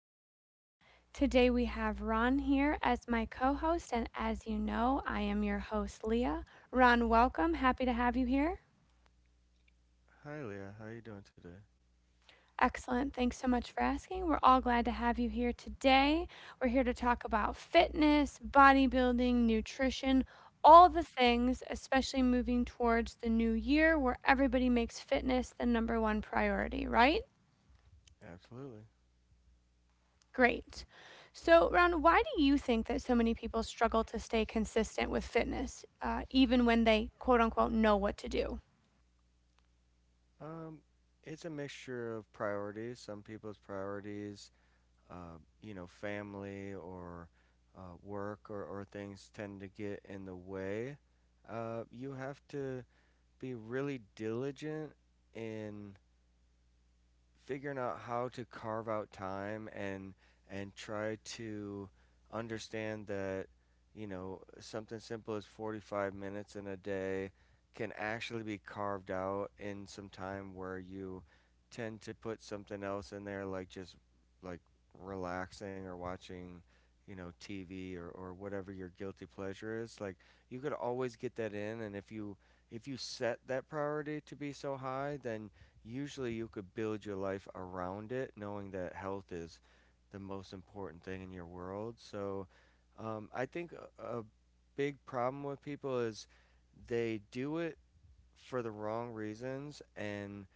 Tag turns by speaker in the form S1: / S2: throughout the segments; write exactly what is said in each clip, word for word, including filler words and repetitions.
S1: show. Today we have Ron here as my co host, and as you know, I am your host, Leah. Ron, welcome. Happy to have you here.
S2: Hi Leah, how you doing today?
S1: Excellent. Thanks so much for asking. We're all glad to have you here today. We're here to talk about fitness, bodybuilding, nutrition, all the things, especially moving towards the new year where everybody makes fitness the number one priority, right?
S2: Absolutely.
S1: Great. So, Ron, why do you think that so many people struggle to stay consistent with fitness, uh, even when they quote unquote know what to do?
S2: Um, it's a mixture of priorities. Some people's priorities, uh, you know, family or uh, work or, or things tend to get in the way. Uh, you have to be really diligent in figuring out how to carve out time and and try to understand that you know something simple as forty-five minutes in a day can actually be carved out in some time where you tend to put something else in there like just like relaxing or watching you know T V or, or whatever your guilty pleasure is like you could always get that in and if you if you set that priority to be so high, then usually you could build your life around it, knowing that health is the most important thing in your world. So, um, I think a, a big problem with people is they do it for the wrong reasons and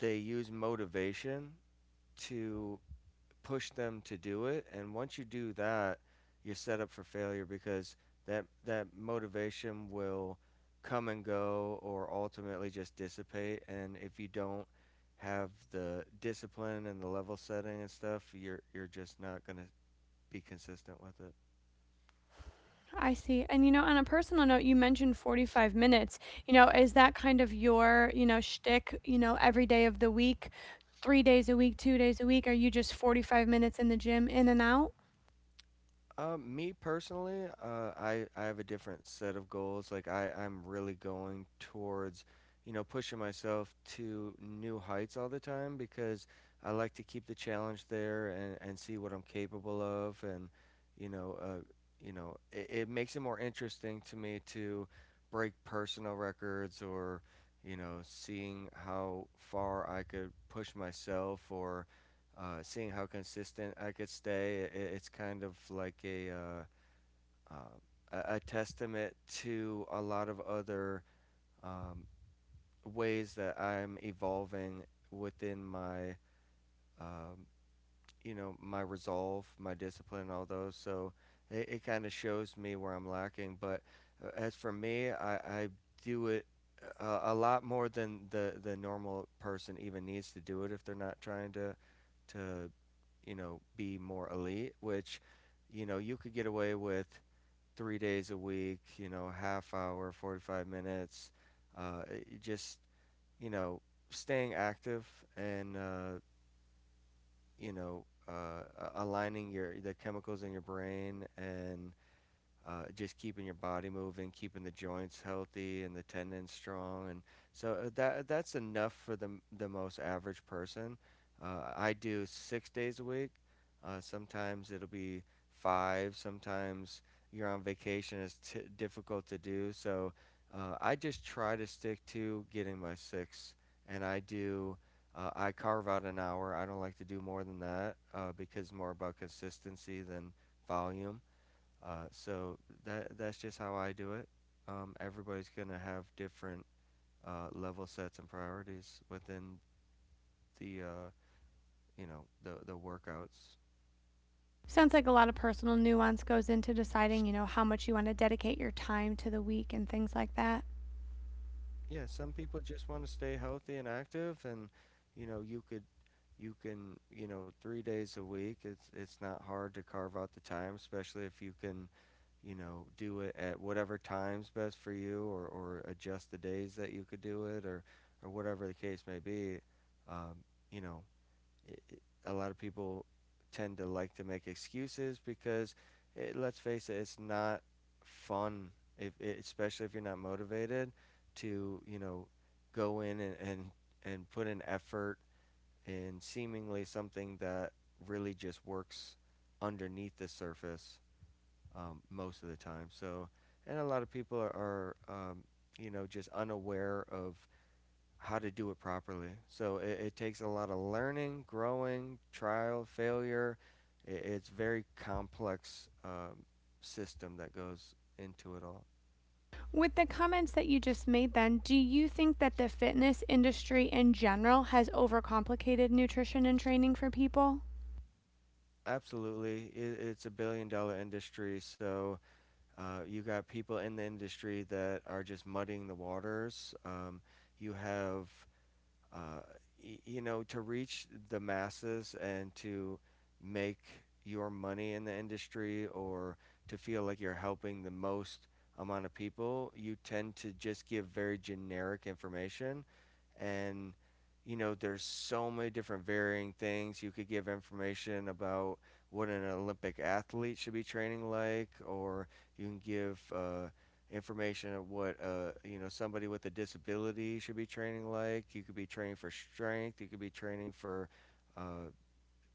S2: they use motivation to push them to do it. And once you do that, you're set up for failure because that that motivation will come and go or ultimately just dissipate. And if you don't have the discipline and the level setting and stuff, you're you're just not gonna be consistent with it.
S1: I see. And, you know, on a personal note, you mentioned forty-five minutes. You know, is that kind of your, you know, shtick, you know, every day of the week, three days a week, two days a week? Are you just forty-five minutes in the gym, in and out?
S2: Uh, me personally, uh, I I have a different set of goals. Like I I'm really going towards, you know, pushing myself to new heights all the time because I like to keep the challenge there and and see what I'm capable of and, you know, uh, you know, it, it makes it more interesting to me to break personal records, or, you know, seeing how far I could push myself, or uh, seeing how consistent I could stay. I It's kind of like a, uh, uh, a a testament to a lot of other um, ways that I'm evolving within my, um, you know, my resolve, my discipline, all those. So it, it kind of shows me where I'm lacking. But uh, as for me, I, I do it a, a lot more than the the normal person even needs to do it if they're not trying to to you know be more elite. Which you know you could get away with three days a week. You know, half hour, forty-five minutes. Uh, it- it just you know staying active and uh, you know, uh, aligning your the chemicals in your brain and uh, just keeping your body moving, keeping the joints healthy and the tendons strong, and so uh, that that's enough for the the most average person. Uh, I do six days a week. Uh, sometimes it'll be five. Sometimes you're on vacation. It's t- difficult to do. So uh, I just try to stick to getting my six, and I do. Uh, I carve out an hour. I don't like to do more than that uh, because it's more about consistency than volume. Uh, so that that's just how I do it. Um, everybody's gonna have different uh, level sets and priorities within the uh, you know the the workouts.
S1: Sounds like a lot of personal nuance goes into deciding, you know, how much you want to dedicate your time to the week and things like that.
S2: Yeah, some people just want to stay healthy and active, and you know you could you can you know three days a week. It's it's not hard to carve out the time, especially if you can you know do it at whatever times best for you, or or adjust the days that you could do it, or or whatever the case may be. Um, you know it, it- a lot of people tend to like to make excuses because, it, let's face it, it's not fun, if, I especially if you're not motivated to, you know, go in and, and, and put in effort in seemingly something that really just works underneath the surface um, most of the time. So, and a lot of people are, are um, you know, just unaware of how to do it properly. So it, it takes a lot of learning, growing, trial, failure. I It's very complex um, system that goes into it all.
S1: With the comments that you just made, then, do you think that the fitness industry in general has overcomplicated nutrition and training for people?
S2: Absolutely, it, it's a billion dollar industry. So uh, you got people in the industry that are just muddying the waters. Um, you have uh, y- you know, to reach the masses and to make your money in the industry or to feel like you're helping the most amount of people, you tend to just give very generic information. And, you know, there's so many different varying things. You could give information about what an Olympic athlete should be training like, or you can give, uh, information of what uh, you know somebody with a disability should be training like. You could be training for strength. You could be training for uh,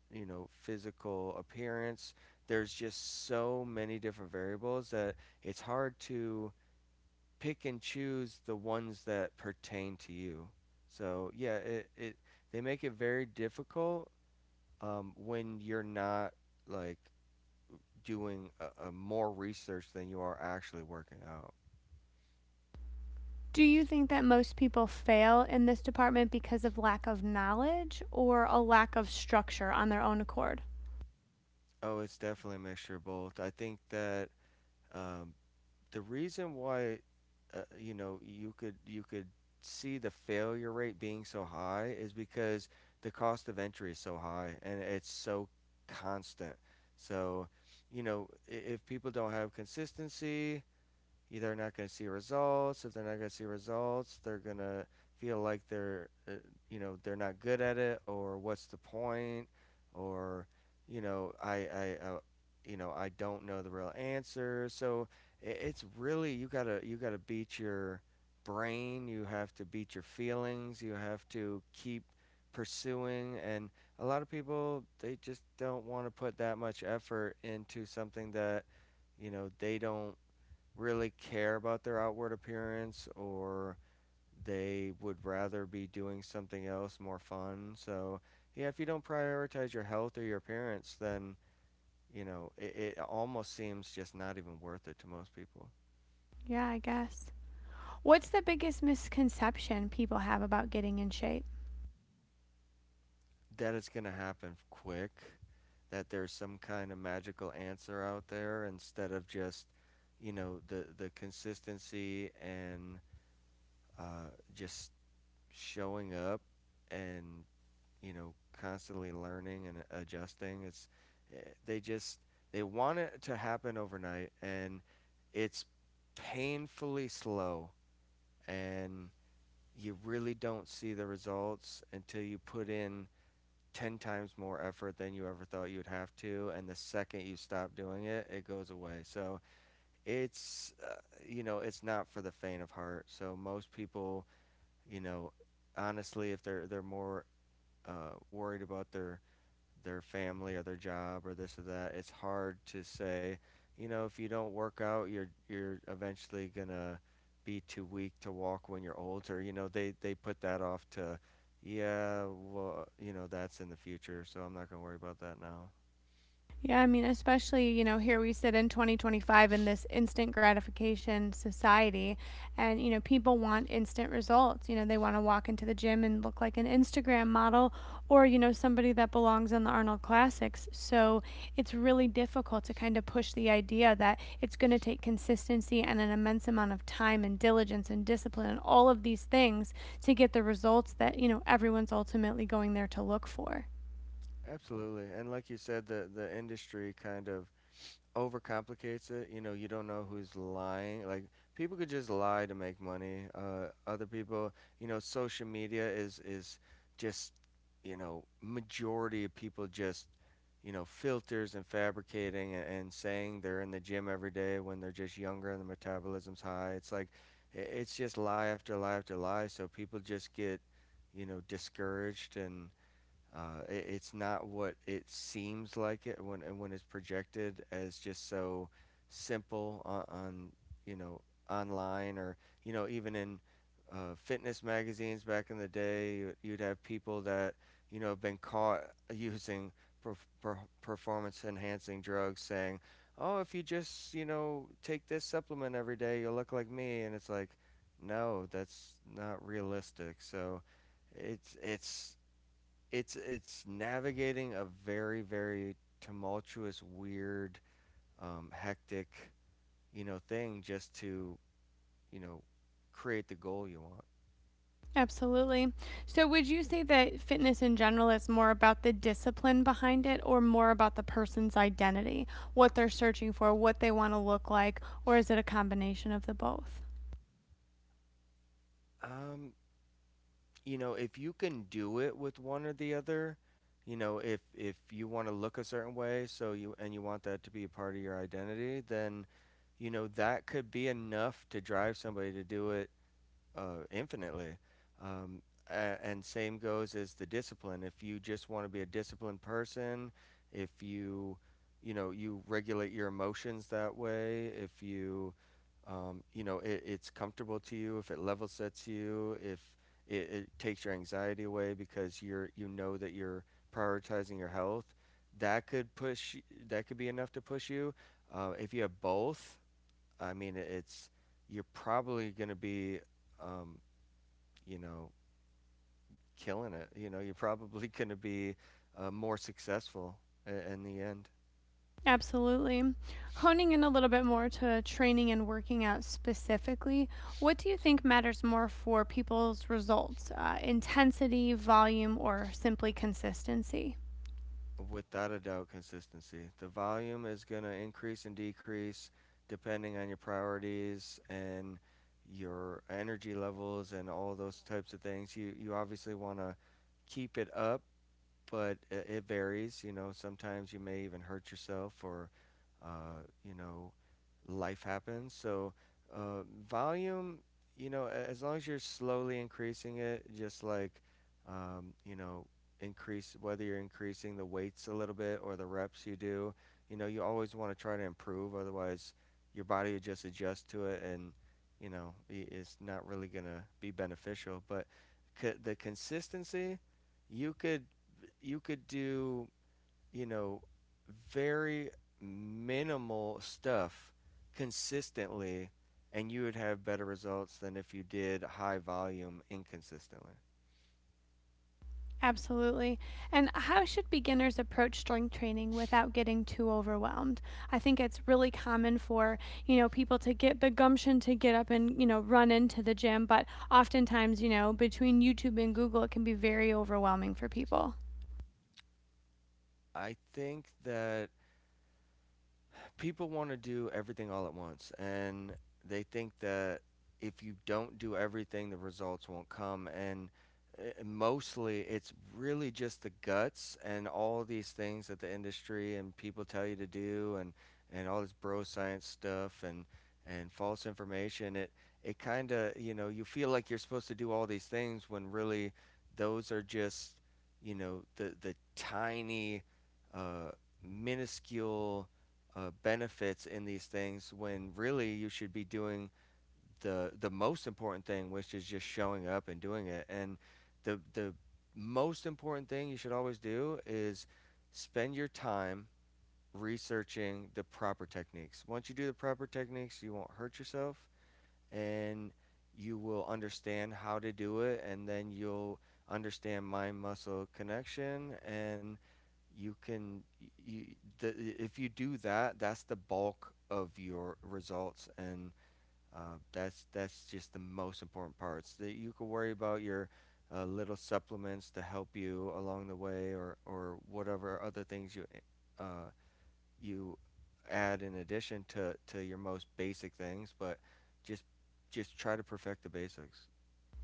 S2: you know physical appearance. There's just so many different variables that it's hard to pick and choose the ones that pertain to you. So yeah, it, it they make it very difficult um, when you're not like doing a, a more research than you are actually working out.
S1: Do you think that most people fail in this department because of lack of knowledge or a lack of structure on their own accord?
S2: Oh, it's definitely a mixture of both. I think that, um, the reason why uh, you know you could you could see the failure rate being so high is because the cost of entry is so high and it's so constant. So, you know, i- if people don't have consistency, either not going to see results. If they're not going to see results, they're going to feel like they're, uh, you know, they're not good at it, or what's the point, or, you know, I, I, uh, you know, I don't know the real answer. So i- it's really you gotta you gotta beat your brain. You have to beat your feelings. You have to keep pursuing. And a lot of people they just don't want to put that much effort into something that you know they don't really care about their outward appearance or they would rather be doing something else more fun. So, yeah, if you don't prioritize your health or your appearance, then, you know, it, it almost seems just not even worth it to most people.
S1: Yeah, I guess. What's the biggest misconception people have about getting in shape?
S2: That it's going to happen quick, that there's some kind of magical answer out there instead of just, you know, the, the consistency and uh, just showing up and you know, constantly learning and adjusting. It's eh, they just They want it to happen overnight, and it's painfully slow, and you really don't see the results until you put in ten times more effort than you ever thought you would have to, and the second you stop doing it it goes away. So it's uh, you know it's not for the faint of heart. So most people you know honestly if they're they're more uh, worried about their their family or their job or this or that, it's hard to say, you know, if you don't work out, you're you're eventually gonna be too weak to walk when you're older. You know, they they put that off to, yeah, well, you know, that's in the future, so I'm not gonna worry about that now.
S1: Yeah, I mean, especially, you know, here we sit in twenty twenty-five in this instant gratification society, and, you know, people want instant results. You know, they want to walk into the gym and look like an Instagram model or, you know, somebody that belongs on the Arnold Classics. So it's really difficult to kind of push the idea that it's going to take consistency and an immense amount of time and diligence and discipline and all of these things to get the results that, you know, everyone's ultimately going there to look for.
S2: Absolutely. And like you said, the the industry kind of overcomplicates it. You know, you don't know who's lying. Like people could just lie to make money. Uh, other people, you know, social media is is just you know majority of people just you know filters and fabricating and, and saying they're in the gym every day when they're just younger and the metabolism's high. It's like i- it's just lie after lie after lie. So people just get you know discouraged and uh, it, it's not what it seems like it when and when it's projected as just so simple on, on you know online or you know even in uh, fitness magazines back in the day you- you'd have people that you know have been caught using per- per- performance enhancing drugs saying, oh, if you just you know take this supplement every day you'll look like me, and it's like no, that's not realistic. So it's it's it's it's navigating a very very tumultuous, weird, um, hectic, you know, thing just to you know create the goal you want.
S1: Absolutely. So, would you say that fitness in general is more about the discipline behind it or more about the person's identity, what they're searching for, what they want to look like, or is it a combination of the both?
S2: Um, you know, if you can do it with one or the other, you know, if if you want to look a certain way, so you and you want that to be a part of your identity, then you know that could be enough to drive somebody to do it uh, infinitely. Um, and same goes as the discipline. If you just want to be a disciplined person, if you, you know, you regulate your emotions that way, if you, um, you know, it, it's comfortable to you, if it level sets you, if it, it takes your anxiety away because you're, you know that you're prioritizing your health, that could push, that could be enough to push you. Uh, if you have both, I mean, it's you're probably going to be, um, you know, killing it. You know, you're probably going to be uh, more successful in, in the end.
S1: Absolutely. Honing in a little bit more to training and working out specifically, what do you think matters more for people's results? Uh, intensity, volume, or simply consistency?
S2: Without a doubt, consistency. The volume is going to increase and decrease depending on your priorities and your energy levels and all those types of things. You you obviously want to keep it up, but i- it varies. You know, sometimes you may even hurt yourself or, uh, you know, life happens. So, uh, volume, you know, a- as long as you're slowly increasing it, just like, um, you know, increase whether you're increasing the weights a little bit or the reps you do, you know, you always want to try to improve. Otherwise, your body would just adjust to it and, you know, i- it's not really going to be beneficial. But c- the consistency, you could you could do you know, very minimal stuff consistently, and you would have better results than if you did high volume inconsistently.
S1: Absolutely. And how should beginners approach strength training without getting too overwhelmed? I think it's really common for, you know, people to get the gumption to get up and, you know, run into the gym, but oftentimes, you know, between YouTube and Google, it can be very overwhelming for people.
S2: I think that people want to do everything all at once and they think that if you don't do everything the results won't come, and uh, mostly it's really just the guts and all these things that the industry and people tell you to do, and and all this bro science stuff and and false information. It it kind of, you know, you feel like you're supposed to do all these things when really those are just, you know, the the tiny, uh minuscule, uh, benefits in these things, when really you should be doing the the most important thing, which is just showing up and doing it. And the the most important thing you should always do is spend your time researching the proper techniques. Once you do the proper techniques, you won't hurt yourself, and you will understand how to do it, and then you'll understand mind muscle connection, and you can you the, if you do that, that's the bulk of your results. And uh, that's that's just the most important parts, that you can worry about your uh, little supplements to help you along the way, or or whatever other things you uh, you add in addition to to your most basic things. But just just try to perfect the basics.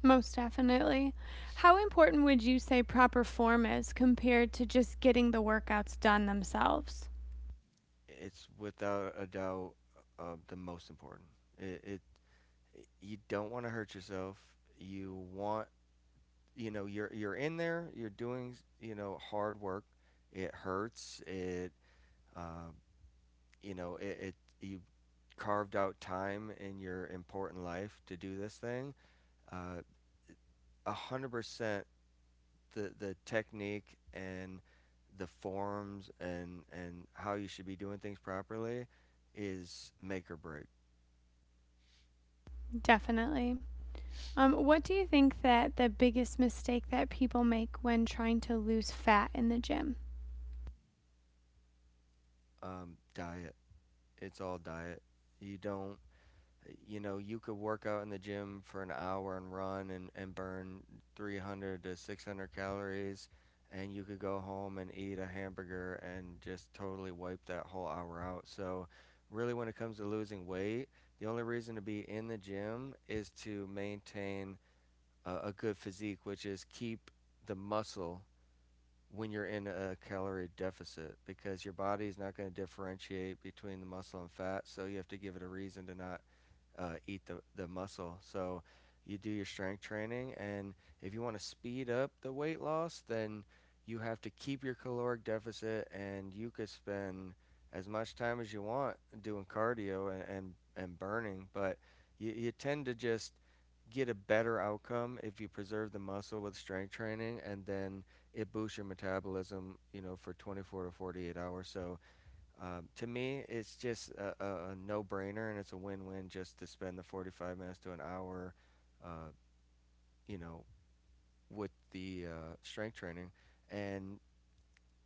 S1: Most definitely. How important would you say proper form is compared to just getting the workouts done themselves?
S2: It's without a doubt uh, the most important. It, it you don't want to hurt yourself. You want, you know, you're you're in there. You're doing, you know, hard work. It hurts. It, uh, you know, it, it you carved out time in your important life to do this thing. Uh, A hundred percent, the the technique and the forms and and how you should be doing things properly is make or break.
S1: Definitely. Um, what do you think that the biggest mistake that people make when trying to lose fat in the gym?
S2: Um, diet. It's all diet. You don't you know, You could work out in the gym for an hour and run and, and burn three hundred to six hundred calories, and you could go home and eat a hamburger and just totally wipe that whole hour out. So, really, when it comes to losing weight, the only reason to be in the gym is to maintain a, a good physique, which is keep the muscle when you're in a calorie deficit, because your body is not going to differentiate between the muscle and fat. So, you have to give it a reason to not uh, eat the, the muscle. So you do your strength training, and if you want to speed up the weight loss, then you have to keep your caloric deficit, and you could spend as much time as you want doing cardio and, and, and burning, but you, you tend to just get a better outcome if you preserve the muscle with strength training, and then it boosts your metabolism, you know, for twenty-four to forty-eight hours. So um, to me, it's just a, a, a no-brainer, and it's a win-win just to spend the forty-five minutes to an hour, uh, you know, with the uh, strength training, and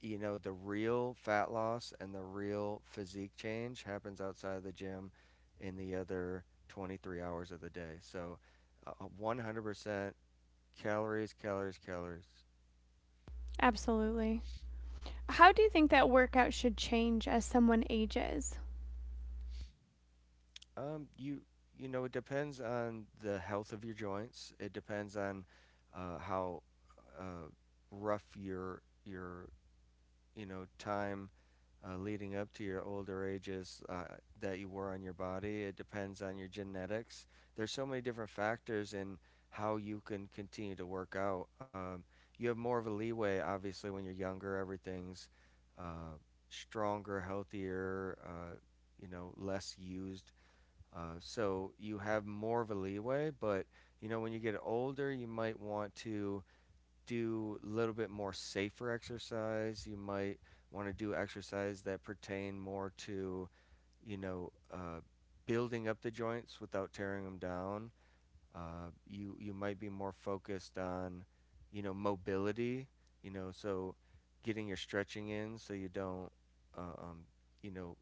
S2: you know, the real fat loss and the real physique change happens outside of the gym, in the other twenty-three hours of the day. So, uh, one hundred percent calories, calories, calories.
S1: Absolutely. How do you think that workout should change as someone ages?
S2: Um, you you know, it depends on the health of your joints. It depends on uh, how uh, rough your your you know time uh, leading up to your older ages, uh, that you were on your body. It depends on your genetics. There's so many different factors in how you can continue to work out. Um, you have more of a leeway, obviously, when you're younger. Everything's uh, stronger, healthier. Uh, you know, less used, uh, so you have more of a leeway. But you know, when you get older, you might want to do a little bit more safer exercise. You might want to do exercise that pertain more to, you know, uh, building up the joints without tearing them down. Uh, you you might be more focused on, you know, mobility. You know, so getting your stretching in so you don't, uh, um, you know,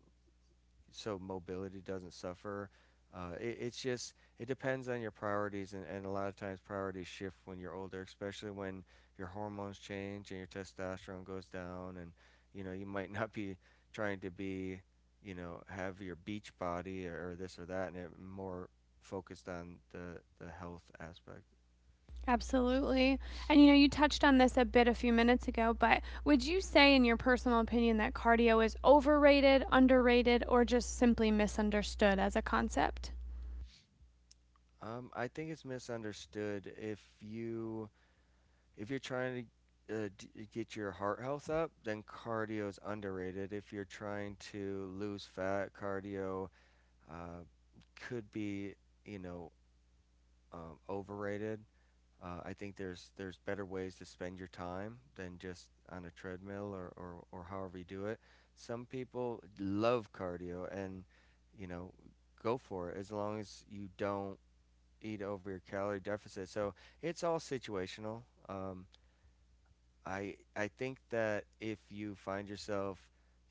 S2: so mobility doesn't suffer. Uh, it, it's just it depends on your priorities, and, and a lot of times priorities shift when you're older, especially when your hormones change and your testosterone goes down, and you know you might not be trying to be, you know, have your beach body or, or this or that, and it more focused on the the health aspect.
S1: Absolutely. And you know, you touched on this a bit a few minutes ago, but would you say, in your personal opinion, that cardio is overrated, underrated, or just simply misunderstood as a concept?
S2: Um, I think it's misunderstood. If you if you're trying to uh, d- get your heart health up, then cardio is underrated. If you're trying to lose fat, cardio uh, could be, you know, um, overrated. Uh, I think there's there's better ways to spend your time than just on a treadmill, or, or, or however you do it. Some people love cardio, and, you know, go for it, as long as you don't eat over your calorie deficit. So it's all situational. Um, I I think that if you find yourself,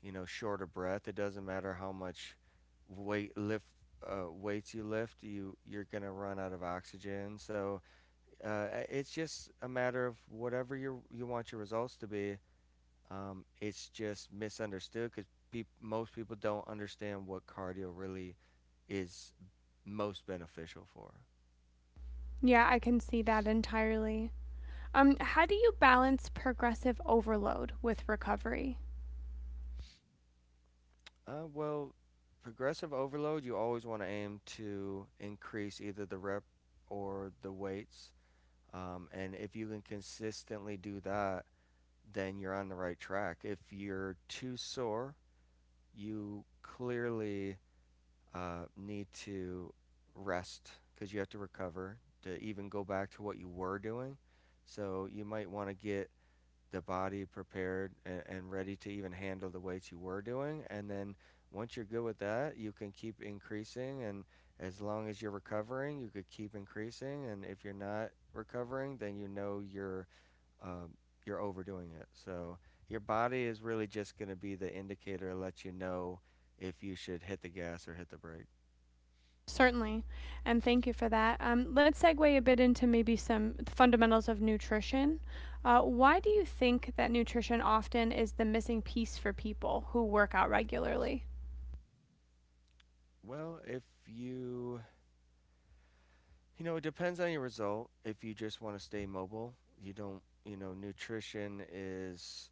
S2: you know, short of breath, it doesn't matter how much weight lift uh, weights you lift, you you're gonna run out of oxygen. So uh, it's just a matter of whatever you you want your results to be. Um, it's just misunderstood because peop most people don't understand what cardio really is most beneficial for.
S1: Yeah, I can see that entirely. Um, how do you balance progressive overload with recovery?
S2: Uh, well, progressive overload, you always want to aim to increase either the rep or the weights. Um, and if you can consistently do that, then you're on the right track. If you're too sore, you clearly uh, need to rest, because you have to recover to even go back to what you were doing. So you might want to get the body prepared and, and ready to even handle the weights you were doing. And then once you're good with that, you can keep increasing. And as long as you're recovering, you could keep increasing. And if you're not recovering, then you know you're um, you're overdoing it. So your body is really just going to be the indicator to let you know if you should hit the gas or hit the brake.
S1: Certainly, and thank you for that. Um, let's segue a bit into maybe some fundamentals of nutrition. Uh, why do you think that nutrition often is the missing piece for people who work out regularly?
S2: Well, if you you know, it depends on your result. If you just want to stay mobile, you don't you know nutrition is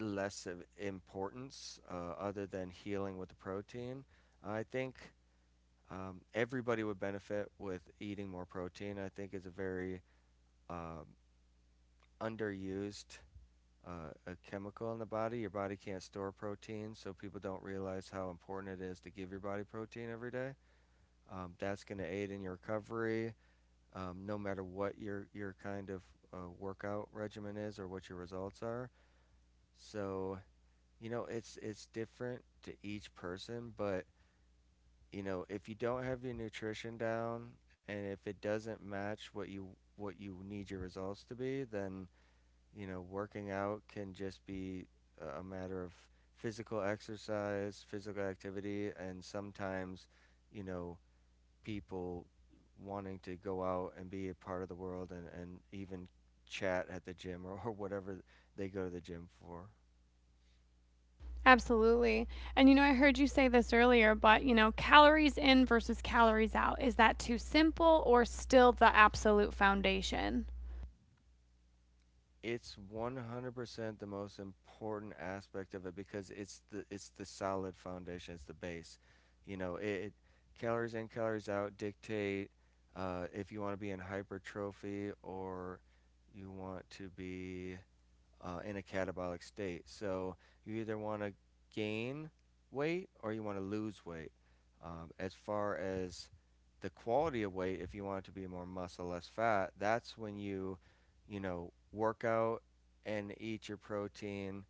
S2: less of importance, uh, other than healing with the protein. I think um, everybody would benefit with eating more protein. I think it's a very um, underused uh, a chemical in the body. Your body can't store protein, so people don't realize how important it is to give your body protein every day. Um, that's going to aid in your recovery, um, no matter what your your kind of uh, workout regimen is or what your results are. So you know, it's it's different to each person. But you know, if you don't have your nutrition down, and if it doesn't match what you what you need your results to be, then you know, working out can just be a a matter of physical exercise, physical activity. And sometimes, you know, people wanting to go out and be a part of the world, and, and even chat at the gym, or, or whatever they go to the gym for.
S1: Absolutely. And you know, I heard you say this earlier, but you know, calories in versus calories out, is that too simple or still the absolute foundation?
S2: It's one hundred percent the most important aspect of it, because it's the it's the solid foundation, it's the base. You know it, it calories in, calories out dictate uh, if you want to be in hypertrophy, or you want to be uh, in a catabolic state. So you either want to gain weight or you want to lose weight. Um, as far as the quality of weight, if you want it to be more muscle, less fat, that's when you, you know, work out and eat your protein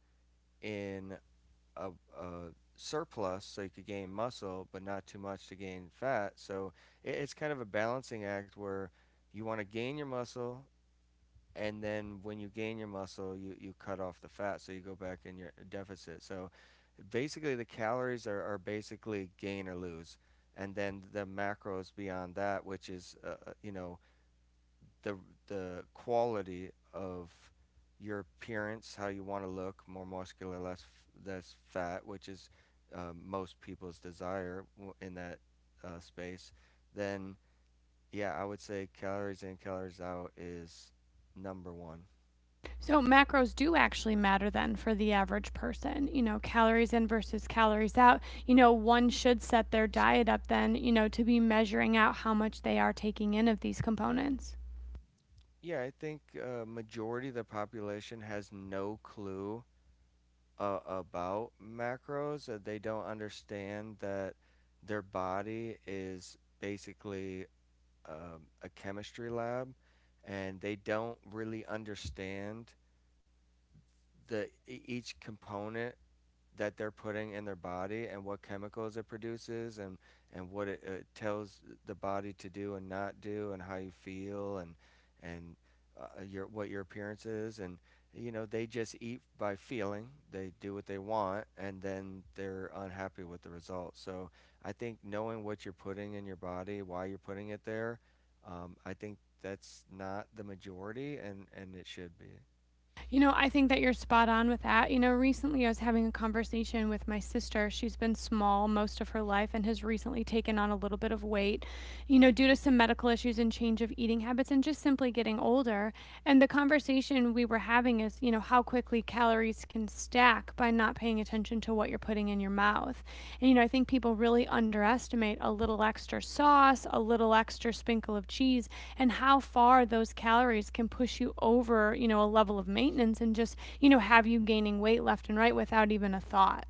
S2: in a, a surplus, so you could gain muscle, but not too much to gain fat. So it, it's kind of a balancing act, where you want to gain your muscle, and then when you gain your muscle, you, you cut off the fat, so you go back in your deficit. So basically, the calories are, are basically gain or lose, and then the macros beyond that, which is uh, uh, you know the the quality of your appearance, how you want to look, more muscular, less less fat, which is um, most people's desire in that uh, space. Then yeah, I would say calories in, calories out is number one.
S1: So macros do actually matter then for the average person. You know, calories in versus calories out. You know, one should set their diet up then, you know, to be measuring out how much they are taking in of these components.
S2: Yeah, I think uh, majority of the population has no clue uh, about macros. Uh, they don't understand that their body is basically um, a chemistry lab, and they don't really understand the e- each component that they're putting in their body and what chemicals it produces, and and what it, it tells the body to do and not do, and how you feel, and and uh, your what your appearance is. And you know, they just eat by feeling, they do what they want, and then they're unhappy with the result. So I think knowing what you're putting in your body, why you're putting it there, um, I think that's not the majority, and and it should be.
S1: You know, I think that you're spot on with that. You know, recently I was having a conversation with my sister. She's been small most of her life and has recently taken on a little bit of weight, you know, due to some medical issues and change of eating habits and just simply getting older. And the conversation we were having is, you know, how quickly calories can stack by not paying attention to what you're putting in your mouth. And you know, I think people really underestimate a little extra sauce, a little extra sprinkle of cheese, and how far those calories can push you over, you know, a level of maintenance and just, you know, have you gaining weight left and right without even a thought.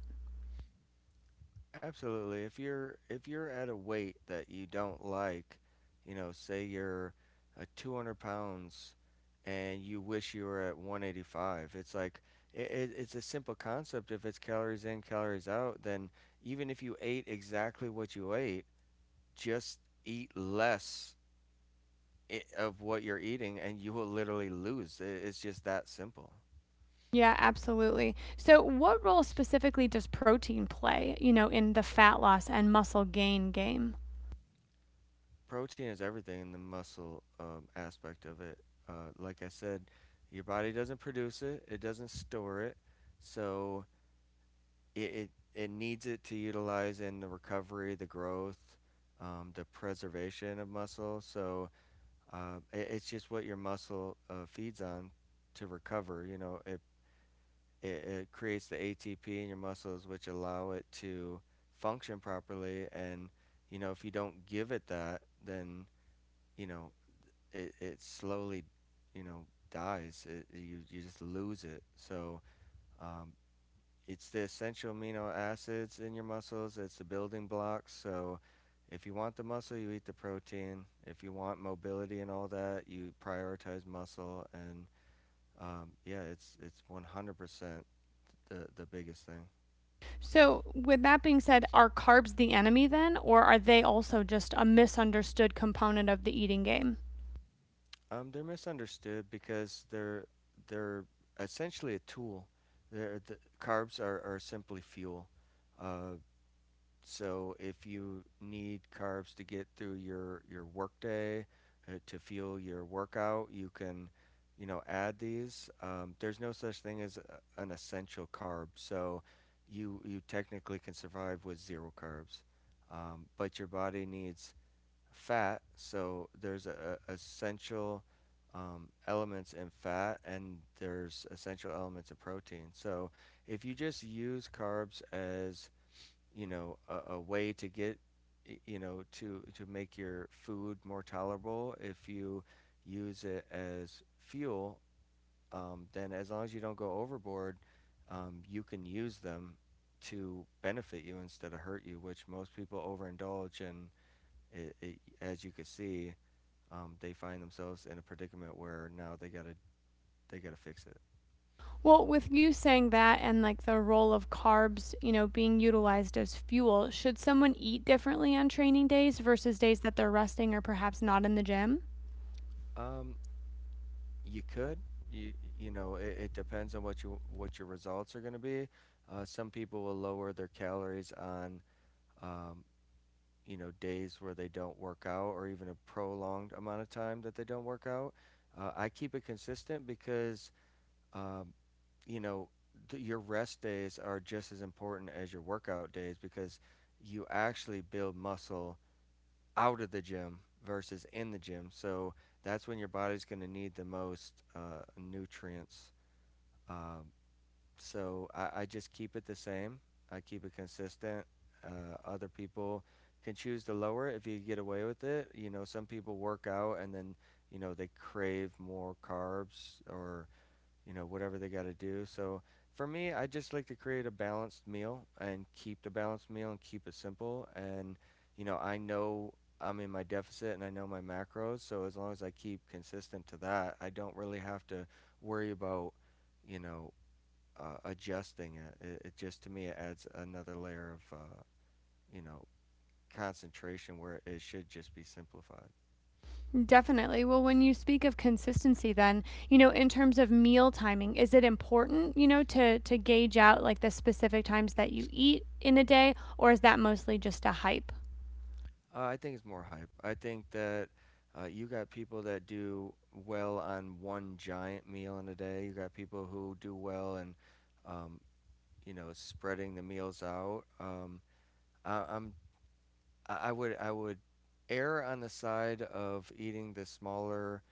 S2: Absolutely. If you're if you're at a weight that you don't like, you know, say you're uh, two hundred pounds and you wish you were at one eighty-five, it's like it, it, it's a simple concept. If it's calories in, calories out, then even if you ate exactly what you ate, just eat less i- of what you're eating, and you will literally lose. It, it's just that simple.
S1: Yeah, absolutely. So, what role specifically does protein play, you know, in the fat loss and muscle gain game?
S2: Protein is everything in the muscle um, aspect of it. Uh, like I said, your body doesn't produce it, it doesn't store it, so it it, it needs it to utilize in the recovery, the growth, um, the preservation of muscle. So uh, it, it's just what your muscle uh, feeds on to recover. You know, it, it it creates the A T P in your muscles, which allow it to function properly. And you know, if you don't give it that, then you know it, it slowly, you know, dies. It, you, you just lose it. So um, it's the essential amino acids in your muscles. It's the building blocks. So if you want the muscle, you eat the protein. If you want mobility and all that, you prioritize muscle. And um, yeah, it's it's one hundred percent the the biggest thing.
S1: So, with that being said, are carbs the enemy then, or are they also just a misunderstood component of the eating game?
S2: Um, they're misunderstood because they're they're essentially a tool. They're, the carbs are, are simply fuel. Uh, So if you need carbs to get through your your workday, uh, to fuel your workout, you can, you know, add these. Um, there's no such thing as a, an essential carb, so you you technically can survive with zero carbs, um, but your body needs fat. So there's a, a essential um, elements in fat, and there's essential elements of protein. So if you just use carbs as, you know, a, a way to get, you know, to to make your food more tolerable. If you use it as fuel, um, then as long as you don't go overboard, um, you can use them to benefit you instead of hurt you, which most people overindulge, and it, it, as you can see, um, they find themselves in a predicament where now they gotta they gotta fix it.
S1: Well, with you saying that and like the role of carbs, you know, being utilized as fuel, should someone eat differently on training days versus days that they're resting or perhaps not in the gym?
S2: Um, You could. You you know, it, it depends on what you what your results are going to be. Uh, some people will lower their calories on um, you know, days where they don't work out, or even a prolonged amount of time that they don't work out. Uh, I keep it consistent because um, you know, th- your rest days are just as important as your workout days, because you actually build muscle out of the gym versus in the gym. So that's when your body's going to need the most uh, nutrients. Um, so I, I just keep it the same. I keep it consistent. Uh, other people can choose to lower it if you get away with it. You know, some people work out and then, you know, they crave more carbs or, you know, whatever they got to do. So for me, I just like to create a balanced meal and keep the balanced meal and keep it simple. And, you know, I know I'm in my deficit and I know my macros. So as long as I keep consistent to that, I don't really have to worry about, you know, uh, adjusting it. it. It just to me it adds another layer of uh, you know, concentration, where it should just be simplified.
S1: Definitely. Well, when you speak of consistency then, you know, in terms of meal timing, is it important, you know, to to gauge out like the specific times that you eat in a day or is that mostly just a hype?
S2: Uh, I think it's more hype. I think that uh, you got people that do well on one giant meal in a day. You got people who do well and um, you know, spreading the meals out. Um, I, I'm I would I would err on the side of eating the smaller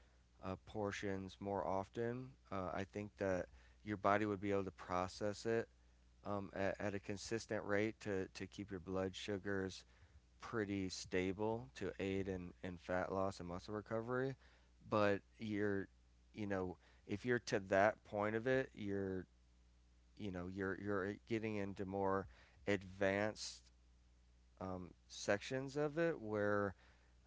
S2: uh, portions more often. Uh, I think that your body would be able to process it, um, at, at a consistent rate to, to keep your blood sugars pretty stable to aid in, in fat loss and muscle recovery. But you're, you know, if you're to that point of it, you're, you know, you're you're getting into more advanced um, sections of it, where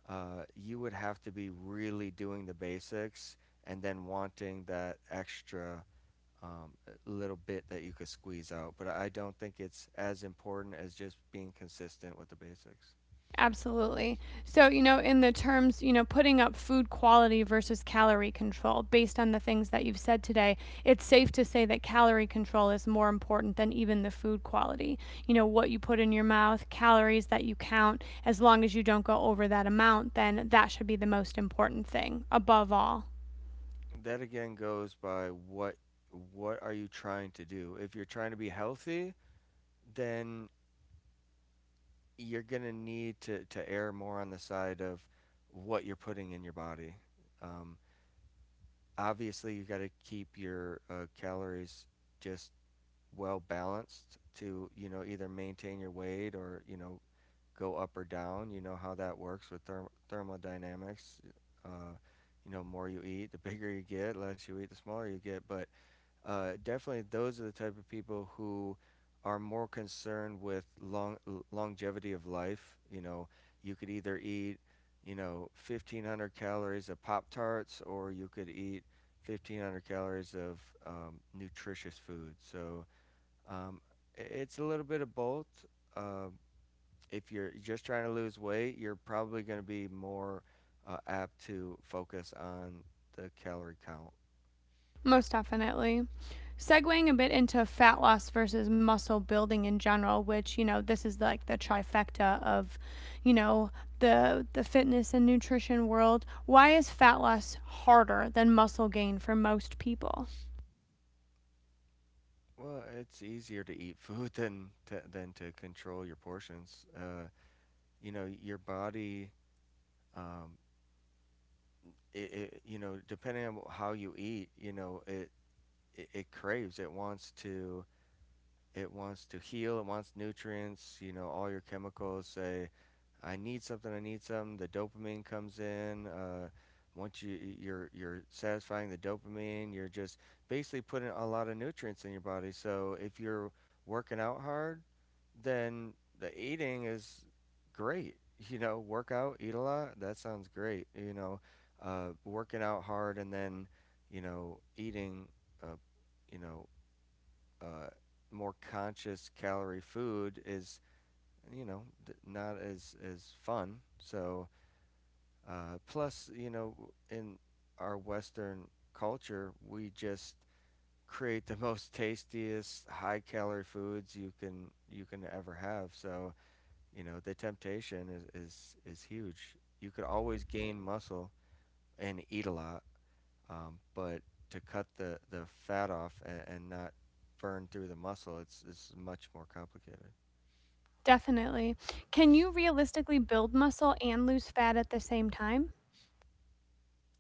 S2: uh, you would have to be really doing the basics and then wanting that extra um, little bit that you could squeeze out. But I don't think it's as important as just being consistent with the basics.
S1: Absolutely. So, you know, in the terms, you know, putting up food quality versus calorie control, based on the things that you've said today, it's safe to say that calorie control is more important than even the food quality. You know, what you put in your mouth, calories that you count, as long as you don't go over that amount, then that should be the most important thing above all.
S2: That again goes by what what are you trying to do? If you're trying to be healthy, then you're gonna need to to err more on the side of what you're putting in your body. Um, Obviously, you got to keep your uh, calories just well balanced to, you know, either maintain your weight or, you know, go up or down. You know how that works with therm- thermodynamics. Uh, you know, more you eat, the bigger you get, less you eat, the smaller you get. But uh, definitely, those are the type of people who are more concerned with long longevity of life. You know, you could either eat, you know, fifteen hundred calories of Pop Tarts, or you could eat fifteen hundred calories of um, nutritious food. So um, it's a little bit of both. Um, if you're just trying to lose weight, you're probably going to be more uh, apt to focus on the calorie count.
S1: Most definitely. Segueing a bit into fat loss versus muscle building in general, which, you know, this is like the trifecta of, you know, the the fitness and nutrition world. Why is fat loss harder than muscle gain for most people?
S2: Well, it's easier to eat food than to, than to control your portions. Uh, you know, your body, um, it, it, you know, depending on how you eat, you know, it, it, it craves, it wants to it wants to heal. It wants nutrients. You know, all your chemicals say, "I need something. I need something." The dopamine comes in. Uh, once you you're you're satisfying the dopamine, you're just basically putting a lot of nutrients in your body. So if you're working out hard, then the eating is great. You know, work out, eat a lot. That sounds great. You know, uh, working out hard and then, you know, eating, uh, you know, uh, more conscious calorie food is, you know, d- not as as fun. So uh, plus you know, in our Western culture we just create the most tastiest high calorie foods you can you can ever have. So you know the temptation is is, is huge. You could always gain muscle and eat a lot, um, but to cut the, the fat off, and, and not burn through the muscle, it's, it's much more complicated.
S1: Definitely. Can you realistically build muscle and lose fat at the same time?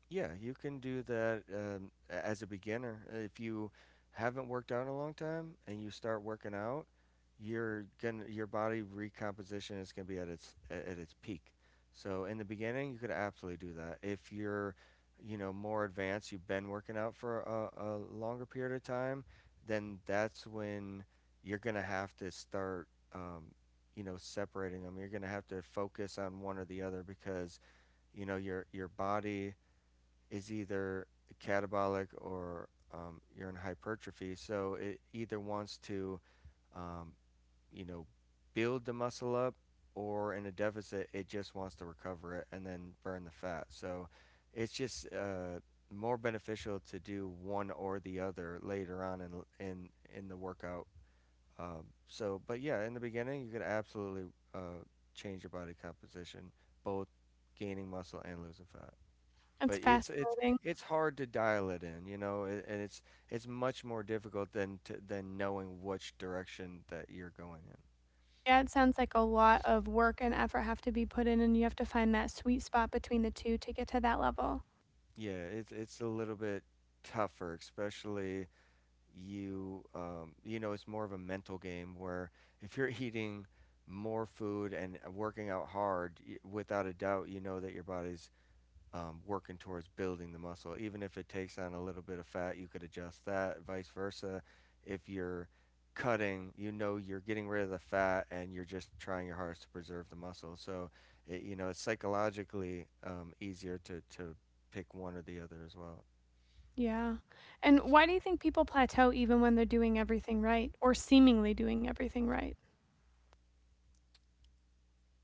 S2: Yeah, you can do that um, a- as a beginner. If you haven't worked out in a long time and you start working out, you're gonna your body recomposition is gonna be at its a- at its peak. So in the beginning, you could absolutely do that. If you're, you know, more advanced, you've been working out for a, a longer period of time, then that's when you're gonna have to start, um, you know, separating them. You're gonna have to focus on one or the other because you know your your body is either catabolic or um, urine hypertrophy. So it either wants to, um, you know, build the muscle up, or in a deficit, it just wants to recover it and then burn the fat. So it's just uh, more beneficial to do one or the other later on in in in the workout. Um, so, but yeah, in the beginning, you could absolutely uh, change your body composition, both gaining muscle and losing fat,
S1: That's
S2: but it's it's
S1: fascinating.
S2: it's hard to dial it in, you know, a- and it's it's much more difficult than to, than knowing which direction that you're going in.
S1: Yeah, it sounds like a lot of work and effort have to be put in, and you have to find that sweet spot between the two to get to that level.
S2: Yeah, it's it's a little bit tougher, especially you um, you know, it's more of a mental game where if you're eating more food and working out hard, y- without a doubt, you know that your body's um, working towards building the muscle. Even if it takes on a little bit of fat, you could adjust that, vice versa. If you're cutting, you know you're getting rid of the fat and you're just trying your hardest to preserve the muscle. So, it, you know, it's psychologically um, easier to, to pick one or the other as well.
S1: Yeah. And why do you think people plateau even when they're doing everything right or seemingly doing everything right?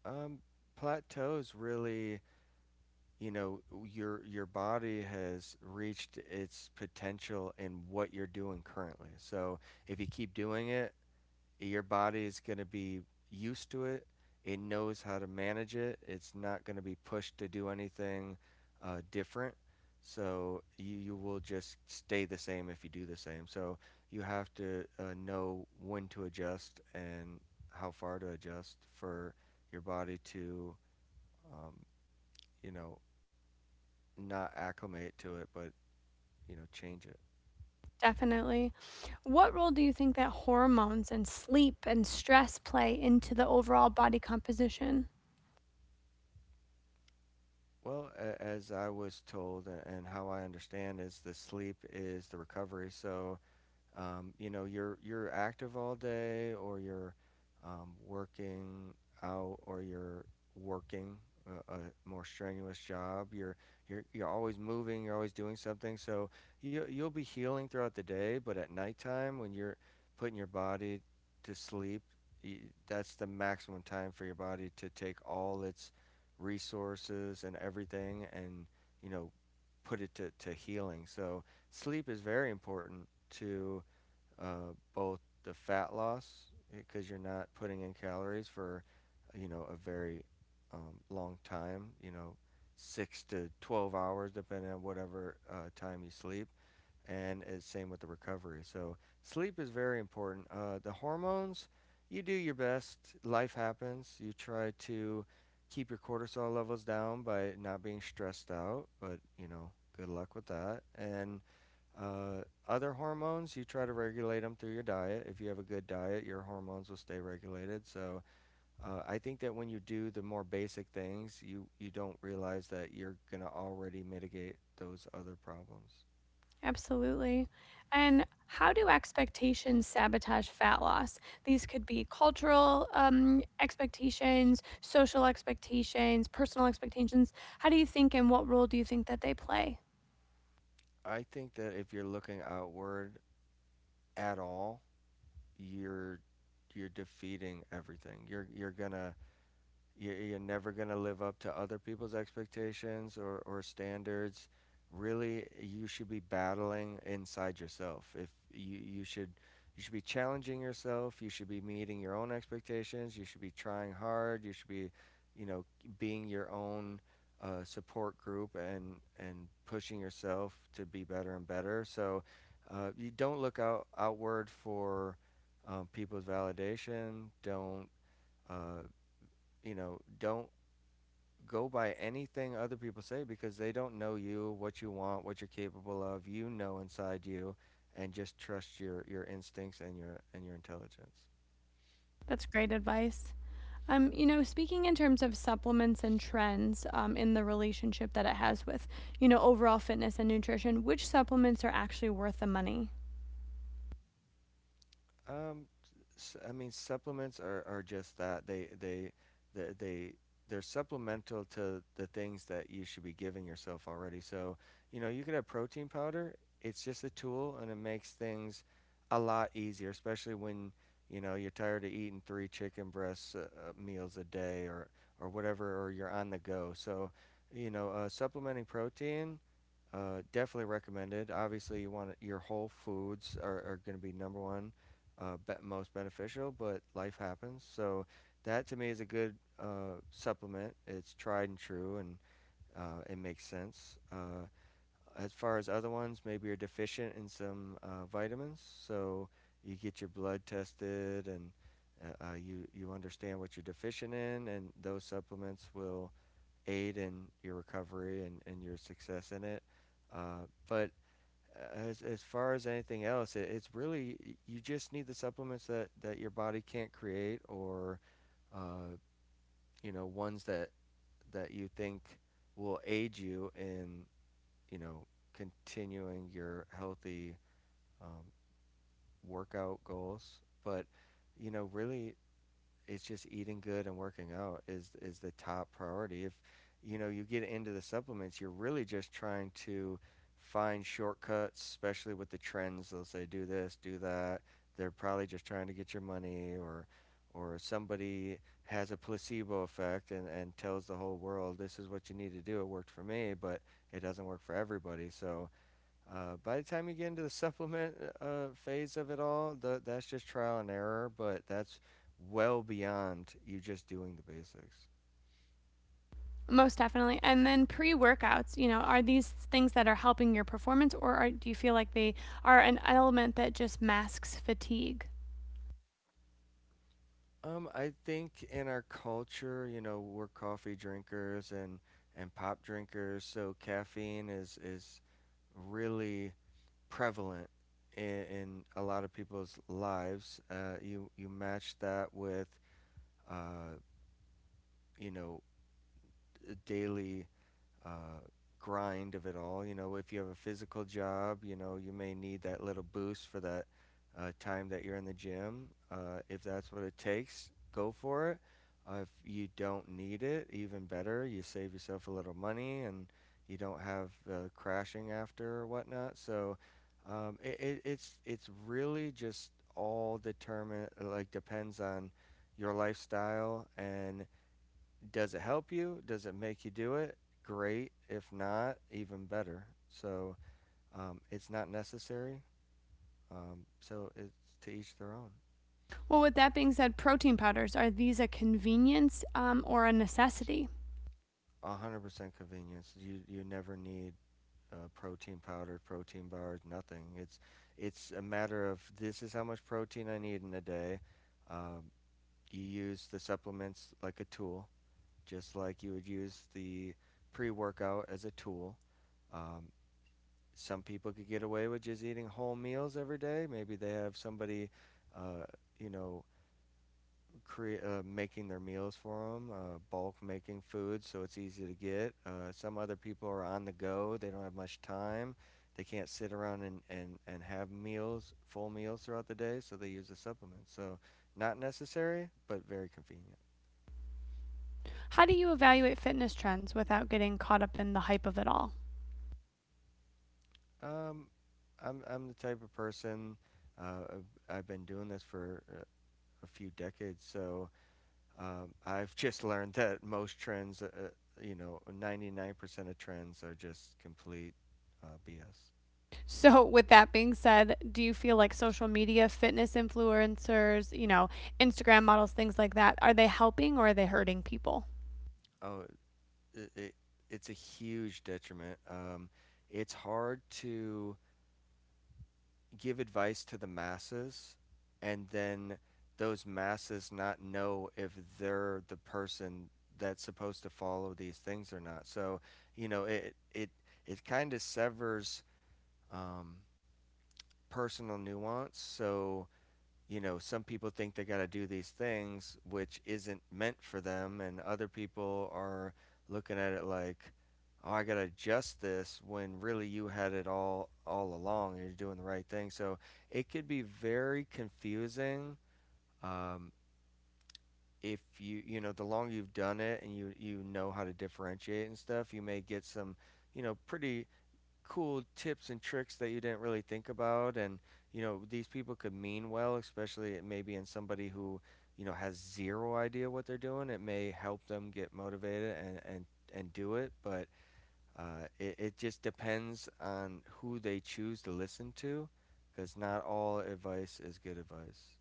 S2: Um, Plateaus really, you know, your your body has reached its potential in what you're doing currently. So, if you keep doing it, your body is going to be used to it. It knows how to manage it. It's not going to be pushed to do anything uh, different. So you, you will just stay the same if you do the same. So you have to uh, know when to adjust and how far to adjust for your body to, um, you know, not acclimate to it, but, you know, change it.
S1: Definitely. What role do you think that hormones and sleep and stress play into the overall body composition?
S2: Well, a- as I was told and how I understand is the sleep is the recovery. So um, you know, you're you're active all day, or you're um, working out, or you're working a, a more strenuous job. You're you're you're always moving. You're always doing something. So you you'll be healing throughout the day, but at nighttime when you're putting your body to sleep, y that's the maximum time for your body to take all its resources and everything, and you know, put it to to healing. So sleep is very important to uh, both the fat loss because you're not putting in calories for you know a very um, long time, you know, six to twelve hours depending on whatever uh, time you sleep, and it's same with the recovery. So sleep is very important. Uh, the hormones, you do your best, life happens. You try to keep your cortisol levels down by not being stressed out, but you know, good luck with that. And uh, other hormones, you try to regulate them through your diet. If you have a good diet, your hormones will stay regulated. So uh, I think that when you do the more basic things, you, you don't realize that you're going to already mitigate those other problems.
S1: Absolutely. And how do expectations sabotage fat loss? These could be cultural um, expectations, social expectations, personal expectations. How do you think and what role do you think that they play?
S2: I think that if you're looking outward at all, you're you're defeating everything. You're you're going to you're, you're never going to live up to other people's expectations or, or standards. Really, you should be battling inside yourself. If you, you should you should be challenging yourself, you should be meeting your own expectations, you should be trying hard, you should be, you know, being your own uh, support group and and pushing yourself to be better and better. So uh, you don't look out outward for um, people's validation. Don't uh, you know? Don't go by anything other people say because they don't know you, what you want, what you're capable of. You know inside you, and just trust your your instincts and your and your intelligence.
S1: That's great advice. Um, you know, speaking in terms of supplements and trends um, in the relationship that it has with, you know, overall fitness and nutrition, which supplements are actually worth the money?
S2: Um, s- I mean, supplements are, are just that. They they they they they're supplemental to the things that you should be giving yourself already. So, you know, you could have protein powder. It's just a tool, and it makes things a lot easier, especially when you know you're tired of eating three chicken breasts uh, uh, meals a day or or whatever, or you're on the go. So, you know, uh, supplementing protein uh, definitely recommended. Obviously, you want your whole foods are, are going to be number one, uh, be- most beneficial, but life happens. So that to me is a good uh, supplement. It's tried and true, and uh, it makes sense. Uh, as far as other ones, maybe you're deficient in some uh, vitamins, so you get your blood tested and uh, uh, you you understand what you're deficient in, and those supplements will aid in your recovery and, and your success in it. Uh, but as as far as anything else, it, it's really you just need the supplements that, that your body can't create or uh, you know ones that that you think will aid you in you know continuing your healthy um, workout goals. But you know really it's just eating good and working out is is the top priority. If you know you get into the supplements, you're really just trying to find shortcuts, especially with the trends. They'll say do this, do that. They're probably just trying to get your money or or somebody has a placebo effect and, and tells the whole world this is what you need to do. It worked for me, but it doesn't work for everybody. So uh, by the time you get into the supplement uh, phase of it all, tha that's just trial and error, but that's well beyond you just doing the basics.
S1: Most definitely. And then pre workouts, you know, are these things that are helping your performance or are, do you feel like they are an element that just masks fatigue?
S2: Um, I think in our culture, you know, we're coffee drinkers and and pop drinkers, so caffeine is is really prevalent in, in a lot of people's lives. Uh, you you match that with uh, you know daily uh, grind of it all. You know, if you have a physical job, you know, you may need that little boost for that uh, time that you're in the gym. Uh, if that's what it takes, go for it. Uh, if you don't need it, even better. You save yourself a little money and you don't have uh, crashing after or whatnot. So um, it, it, it's it's really just all determined, like, depends on your lifestyle and does it help you? Does it make you do it? Great. If not, even better. So um, it's not necessary. Um, so it's to each their own.
S1: Well, with that being said, protein powders, are these a convenience um, or a necessity?
S2: one hundred percent convenience. You you never need uh, protein powder, protein bars, nothing. It's it's a matter of this is how much protein I need in a day. Um, you use the supplements like a tool, just like you would use the pre-workout as a tool. Um, some people could get away with just eating whole meals every day. Maybe they have somebody, uh, you know, crea- uh, making their meals for them, uh, bulk making food, so it's easy to get. Uh, some other people are on the go; they don't have much time. They can't sit around and, and, and have meals, full meals throughout the day, so they use a supplement. So, not necessary, but very convenient.
S1: How do you evaluate fitness trends without getting caught up in the hype of it all?
S2: Um, I'm, I'm the type of person, uh, I've I've been doing this for uh, a few decades. So Um, I've just learned that most trends, uh, uh, you know, ninety-nine percent of trends are just complete uh, B S.
S1: So, with that being said, do you feel like social media, fitness influencers, you know, Instagram models, things like that, are they helping or are they hurting people?
S2: Oh, it, it, it's a huge detriment. Um, it's hard to give advice to the masses and then those masses not know if they're the person that's supposed to follow these things or not. So, you know, it it it kind of severs um, personal nuance. So, you know, some people think they got to do these things which isn't meant for them, and other people are looking at it like, "Oh, I got to adjust this," when really you had it all all along and you're doing the right thing. So it could be very confusing. um, if you you know the longer you've done it and you you know how to differentiate and stuff, you may get some you know pretty cool tips and tricks that you didn't really think about. And you know these people could mean well, especially maybe in somebody who you know has zero idea what they're doing, it may help them get motivated and and and do it. But uh, it, it just depends on who they choose to listen to, because not all advice is good advice.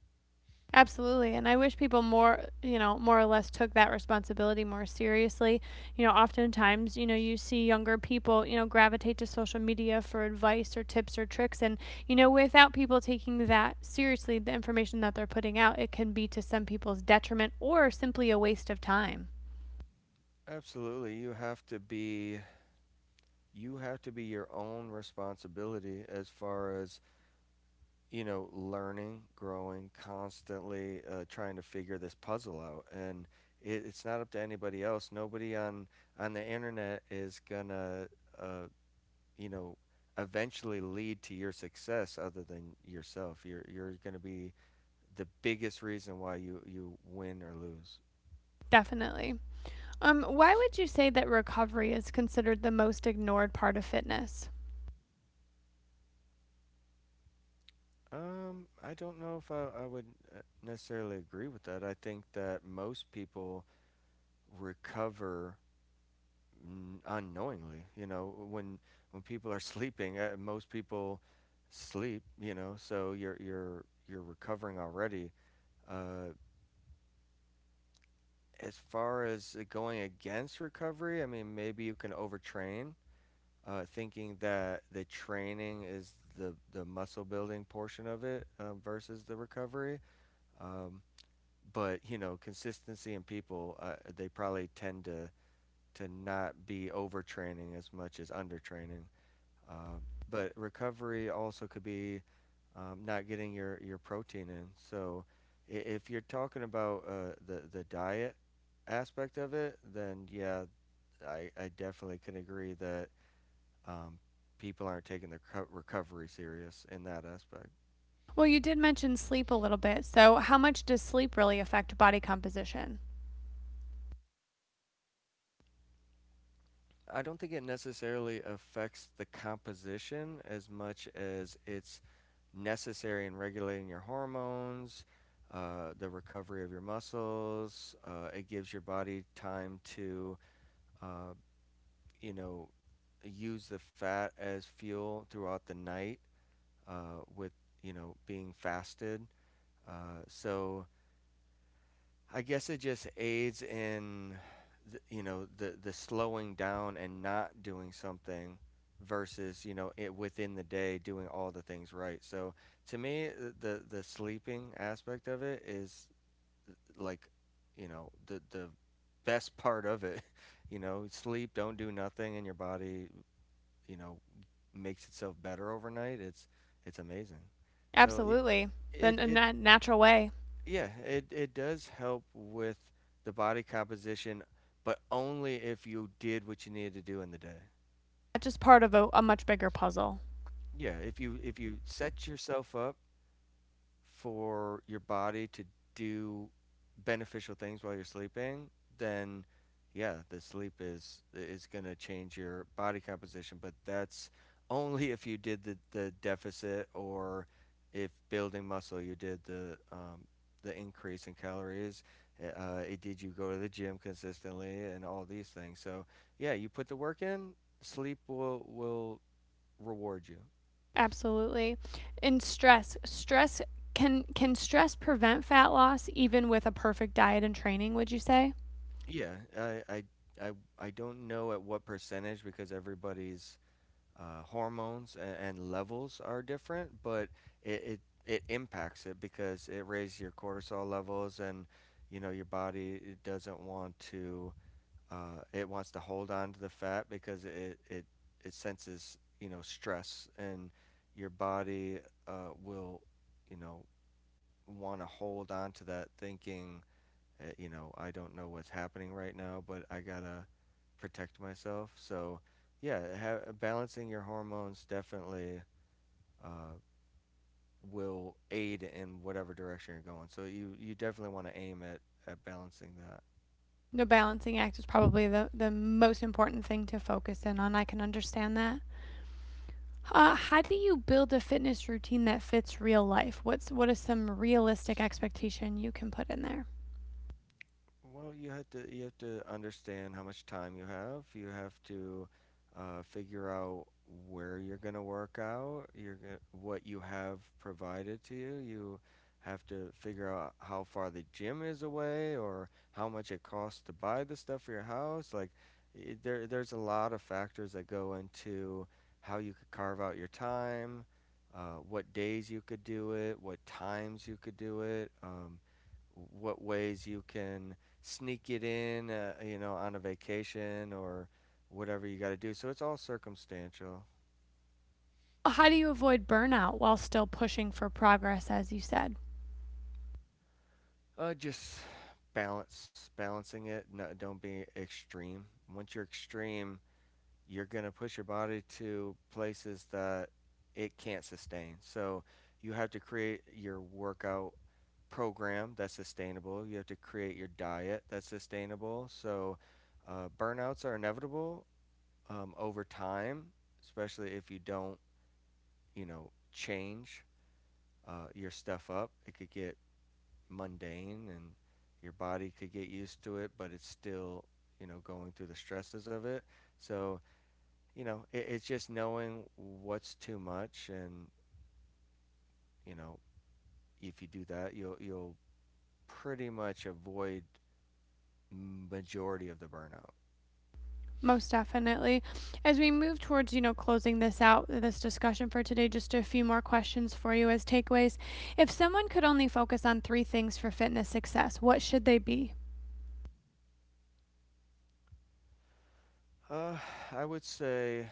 S1: Absolutely. And I wish people more, you know, more or less took that responsibility more seriously. You know, oftentimes, you know, you see younger people, you know, gravitate to social media for advice or tips or tricks. And, you know, without people taking that seriously, the information that they're putting out, it can be to some people's detriment or simply a waste of time.
S2: Absolutely, you have to be you have to be your own responsibility as far as you know, learning, growing, constantly uh, trying to figure this puzzle out. And it, it's not up to anybody else. Nobody on on the internet is gonna, uh, you know, eventually lead to your success other than yourself. You're you're gonna be the biggest reason why you you win or lose.
S1: Definitely. Um, why would you say that recovery is considered the most ignored part of fitness?
S2: Um, I don't know if I, I would uh, necessarily agree with that. I think that most people recover n- unknowingly. You know, when when people are sleeping, uh, most people sleep. You know, so you're you're you're recovering already. Uh, as far as it going against recovery, I mean, maybe you can overtrain, uh, thinking that the training is the the muscle building portion of it uh, versus the recovery. Um, but you know, consistency in people, uh, they probably tend to to not be overtraining as much as undertraining. Uh, but recovery also could be um, not getting your, your protein in. So i- if you're talking about uh, the the diet aspect of it, then yeah, I, I definitely can agree that um, people aren't taking their co- recovery serious in that aspect.
S1: Well, you did mention sleep a little bit. So, how much does sleep really affect body composition?
S2: I don't think it necessarily affects the composition as much as it's necessary in regulating your hormones, uh, the recovery of your muscles. Uh, it gives your body time to, uh, you know, use the fat as fuel throughout the night uh, with, you know, being fasted. Uh, so I guess it just aids in, th- you know, the the slowing down and not doing something versus, you know, it within the day doing all the things right. So to me, uh, the the sleeping aspect of it is like, you know, the the best part of it. You know, sleep, don't do nothing, and your body, you know, makes itself better overnight. It's it's amazing. So it
S1: Absolutely. The
S2: it,
S1: n-
S2: it
S1: na- natural way.
S2: yeah, it it does help with the body composition, but only if you did what you needed to do in the day.
S1: That's just part of a, a much bigger puzzle.
S2: Yeah, if you if you set yourself up for your body to do beneficial things while you're sleeping, then yeah, the sleep is is gonna change your body composition, but that's only if you did the, the deficit or if building muscle you did the um, the increase in calories. Eh, Uh, it did you go to the gym consistently and all these things. So yeah, you put the work in, sleep will will reward you.
S1: Absolutely. And stress. Stress can can stress prevent fat loss even with a perfect diet and training, would you say?
S2: Yeah, I, I, I, I don't know at what percentage because everybody's uh, hormones and, and levels are different, but it, it it impacts it because it raises your cortisol levels, and you know your body it doesn't want to. Uh, it wants to hold on to the fat because it it it senses you know stress, and your body uh, will you know want to hold on to that, thinking uh, you know, I don't know what's happening right now, but I gotta protect myself. So, yeah, ha- balancing your hormones definitely uh, will aid in whatever direction you're going. So you you definitely want to aim at at balancing that.
S1: The balancing act is probably the, the most important thing to focus in on. I can understand that. Uh, how do you build a fitness routine that fits real life? What's what is some realistic expectation you can put in there?
S2: Well, you have to you have to understand how much time you have. You have to uh, figure out where you're going to work out. You're going what you have provided to you. You have to figure out how far the gym is away or how much it costs to buy the stuff for your house. Like I there there's a lot of factors that go into how you could carve out your time, uh, what days you could do it, what times you could do it. Um, what ways you can sneak it in, uh, you know, on a vacation or whatever you got to do. So it's all circumstantial.
S1: How do you avoid burnout while still pushing for progress as you said?
S2: Uh, just balance, balancing it. No, don't be extreme. Once you're extreme, you're gonna push your body to places that it can't sustain. So you have to create your workout program that's sustainable. You have to create your diet that's sustainable. So uh, burnouts are inevitable um, over time, especially if you don't you know, change uh, your stuff up. It could get mundane and your body could get used to it, but it's still, you know, going through the stresses of it. So, you know, it, it's just knowing what's too much. And, you know, if you do that, you'll, you'll pretty much avoid majority of the burnout.
S1: Most definitely. As we move towards, you know, closing this out, this discussion for today, just a few more questions for you as takeaways. If someone could only focus on three things for fitness success, what should they be?
S2: Uh, I would say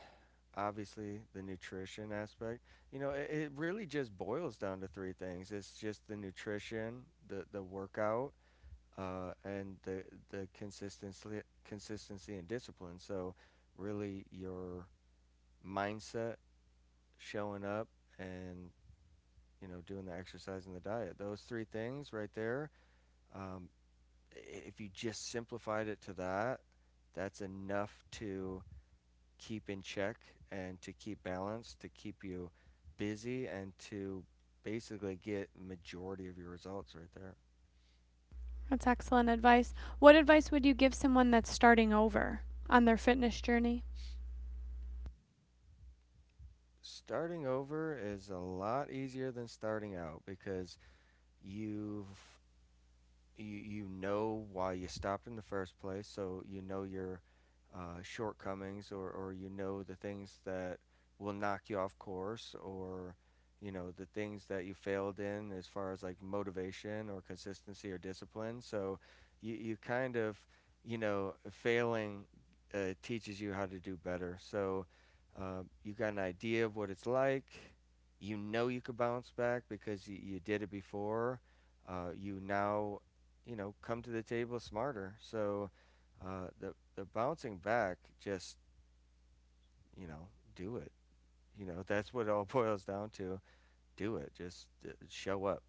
S2: obviously the nutrition aspect. You know, it, it really just boils down to three things. It's just the nutrition, the the workout, uh, and the the consistency consistency and discipline. So really your mindset, showing up, and you know doing the exercise and the diet. Those three things right there. Um, if you just simplified it to that, that's enough to keep in check and to keep balance, to keep you busy, and to basically get majority of your results right there.
S1: That's excellent advice. What advice would you give someone that's starting over on their fitness journey?
S2: Starting over is a lot easier than starting out because you've you you know why you stopped in the first place, so you know your uh, shortcomings, or or you know the things that will knock you off course, or you know the things that you failed in as far as like motivation or consistency or discipline. So you you kind of you know failing uh, teaches you how to do better. So uh, you got an idea of what it's like. You know you could bounce back because you, you did it before. Uh, you now you know, come to the table smarter. So uh, the the bouncing back, just you know, do it. You know, that's what it all boils down to. Do it. Just uh, show up,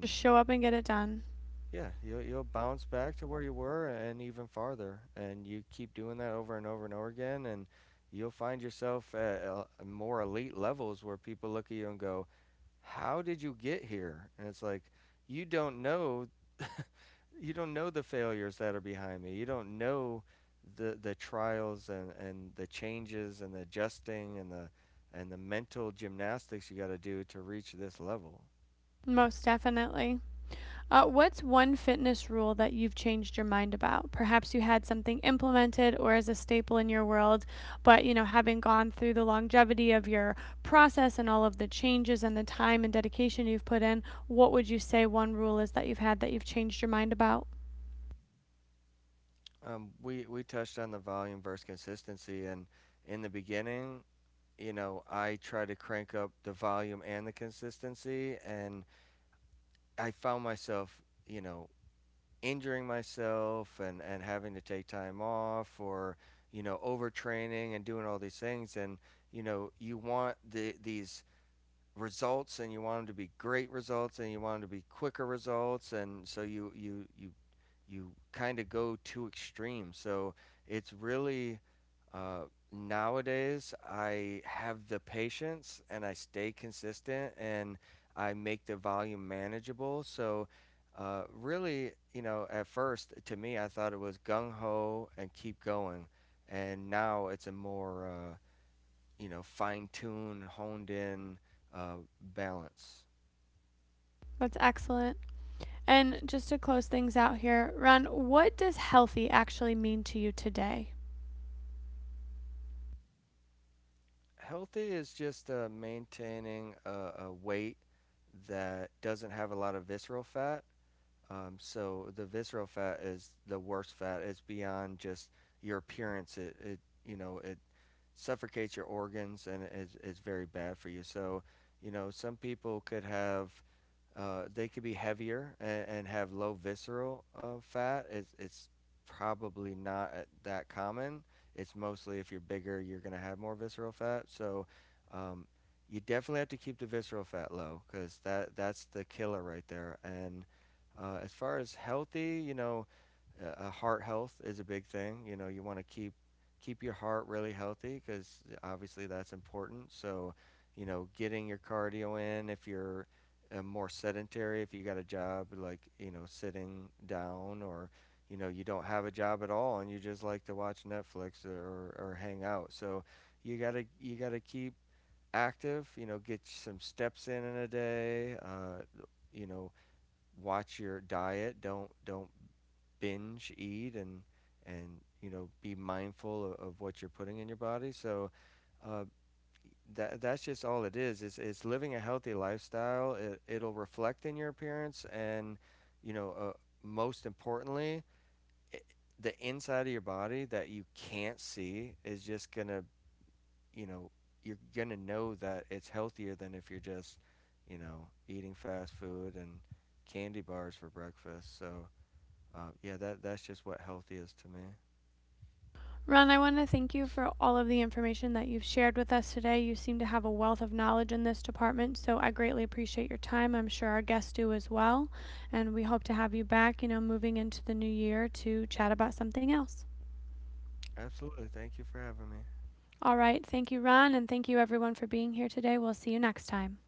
S1: Just show up and get it done.
S2: yeah, you'll you'll bounce back to where you were and even farther. And you keep doing that over and over and over again, and you'll find yourself at uh, more elite levels where people look at you and go, how did you get here? And it's like, you don't know, you don't know the failures that are behind me. You don't know the the trials and and the changes and the adjusting and the and the mental gymnastics you got to do to reach this level.
S1: Most definitely. Uh, what's one fitness rule that you've changed your mind about? Perhaps you had something implemented or as a staple in your world, but you know, having gone through the longevity of your process and all of the changes and the time and dedication you've put in, what would you say one rule is that you've had that you've changed your mind about?
S2: Um, we we touched on the volume versus consistency, and in the beginning, you know, I tried to crank up the volume and the consistency, and I found myself, you know, injuring myself and, and having to take time off or you know overtraining and doing all these things and you know you want the these results and you want them to be great results and you want them to be quicker results and so you you you you kind of go too extreme. So it's really uh, nowadays I have the patience and I stay consistent and I make the volume manageable. So uh, really you know at first to me I thought it was gung-ho and keep going, and now it's a more uh, you know, fine tuned, honed in uh, balance.
S1: That's excellent. And just to close things out here, Ron, what does healthy actually mean to you today?
S2: Healthy is just uh, maintaining a, a weight that doesn't have a lot of visceral fat. Um, so the visceral fat is the worst fat. It's beyond just your appearance. It, it you know, it suffocates your organs and it's, it's very bad for you. So, you know, some people could have uh, they could be heavier and, and have low visceral uh, fat. It's, it's probably not uh, that common. It's mostly if you're bigger, you're going to have more visceral fat. So um, you definitely have to keep the visceral fat low because that, that's the killer right there. And uh, as far as healthy, you know, uh, uh, heart health is a big thing. You know, you want to keep keep your heart really healthy because obviously that's important. So, you know, getting your cardio in if you're uh, more sedentary, if you got a job like you know sitting down or you know you don't have a job at all and you just like to watch Netflix or or hang out. So you gotta you gotta keep active. You know, get some steps in in a day. Uh, you know, watch your diet. Don't don't binge eat and and you know be mindful of, of what you're putting in your body. So uh, that that's just all it is. It's it's living a healthy lifestyle. It it'll reflect in your appearance and you know uh, most importantly. I the inside of your body that you can't see is just gonna, you know, you're gonna know that it's healthier than if you're just, you know, eating fast food and candy bars for breakfast. So uh, yeah, that that's just what healthy is to me.
S1: Ron, I want to thank you for all of the information that you've shared with us today. You seem to have a wealth of knowledge in this department, so I greatly appreciate your time. I'm sure our guests do as well. And we hope to have you back, you know, moving into the new year to chat about something else.
S2: Absolutely. Thank you for having me.
S1: All right. Thank you, Ron, and thank you everyone for being here today. We'll see you next time.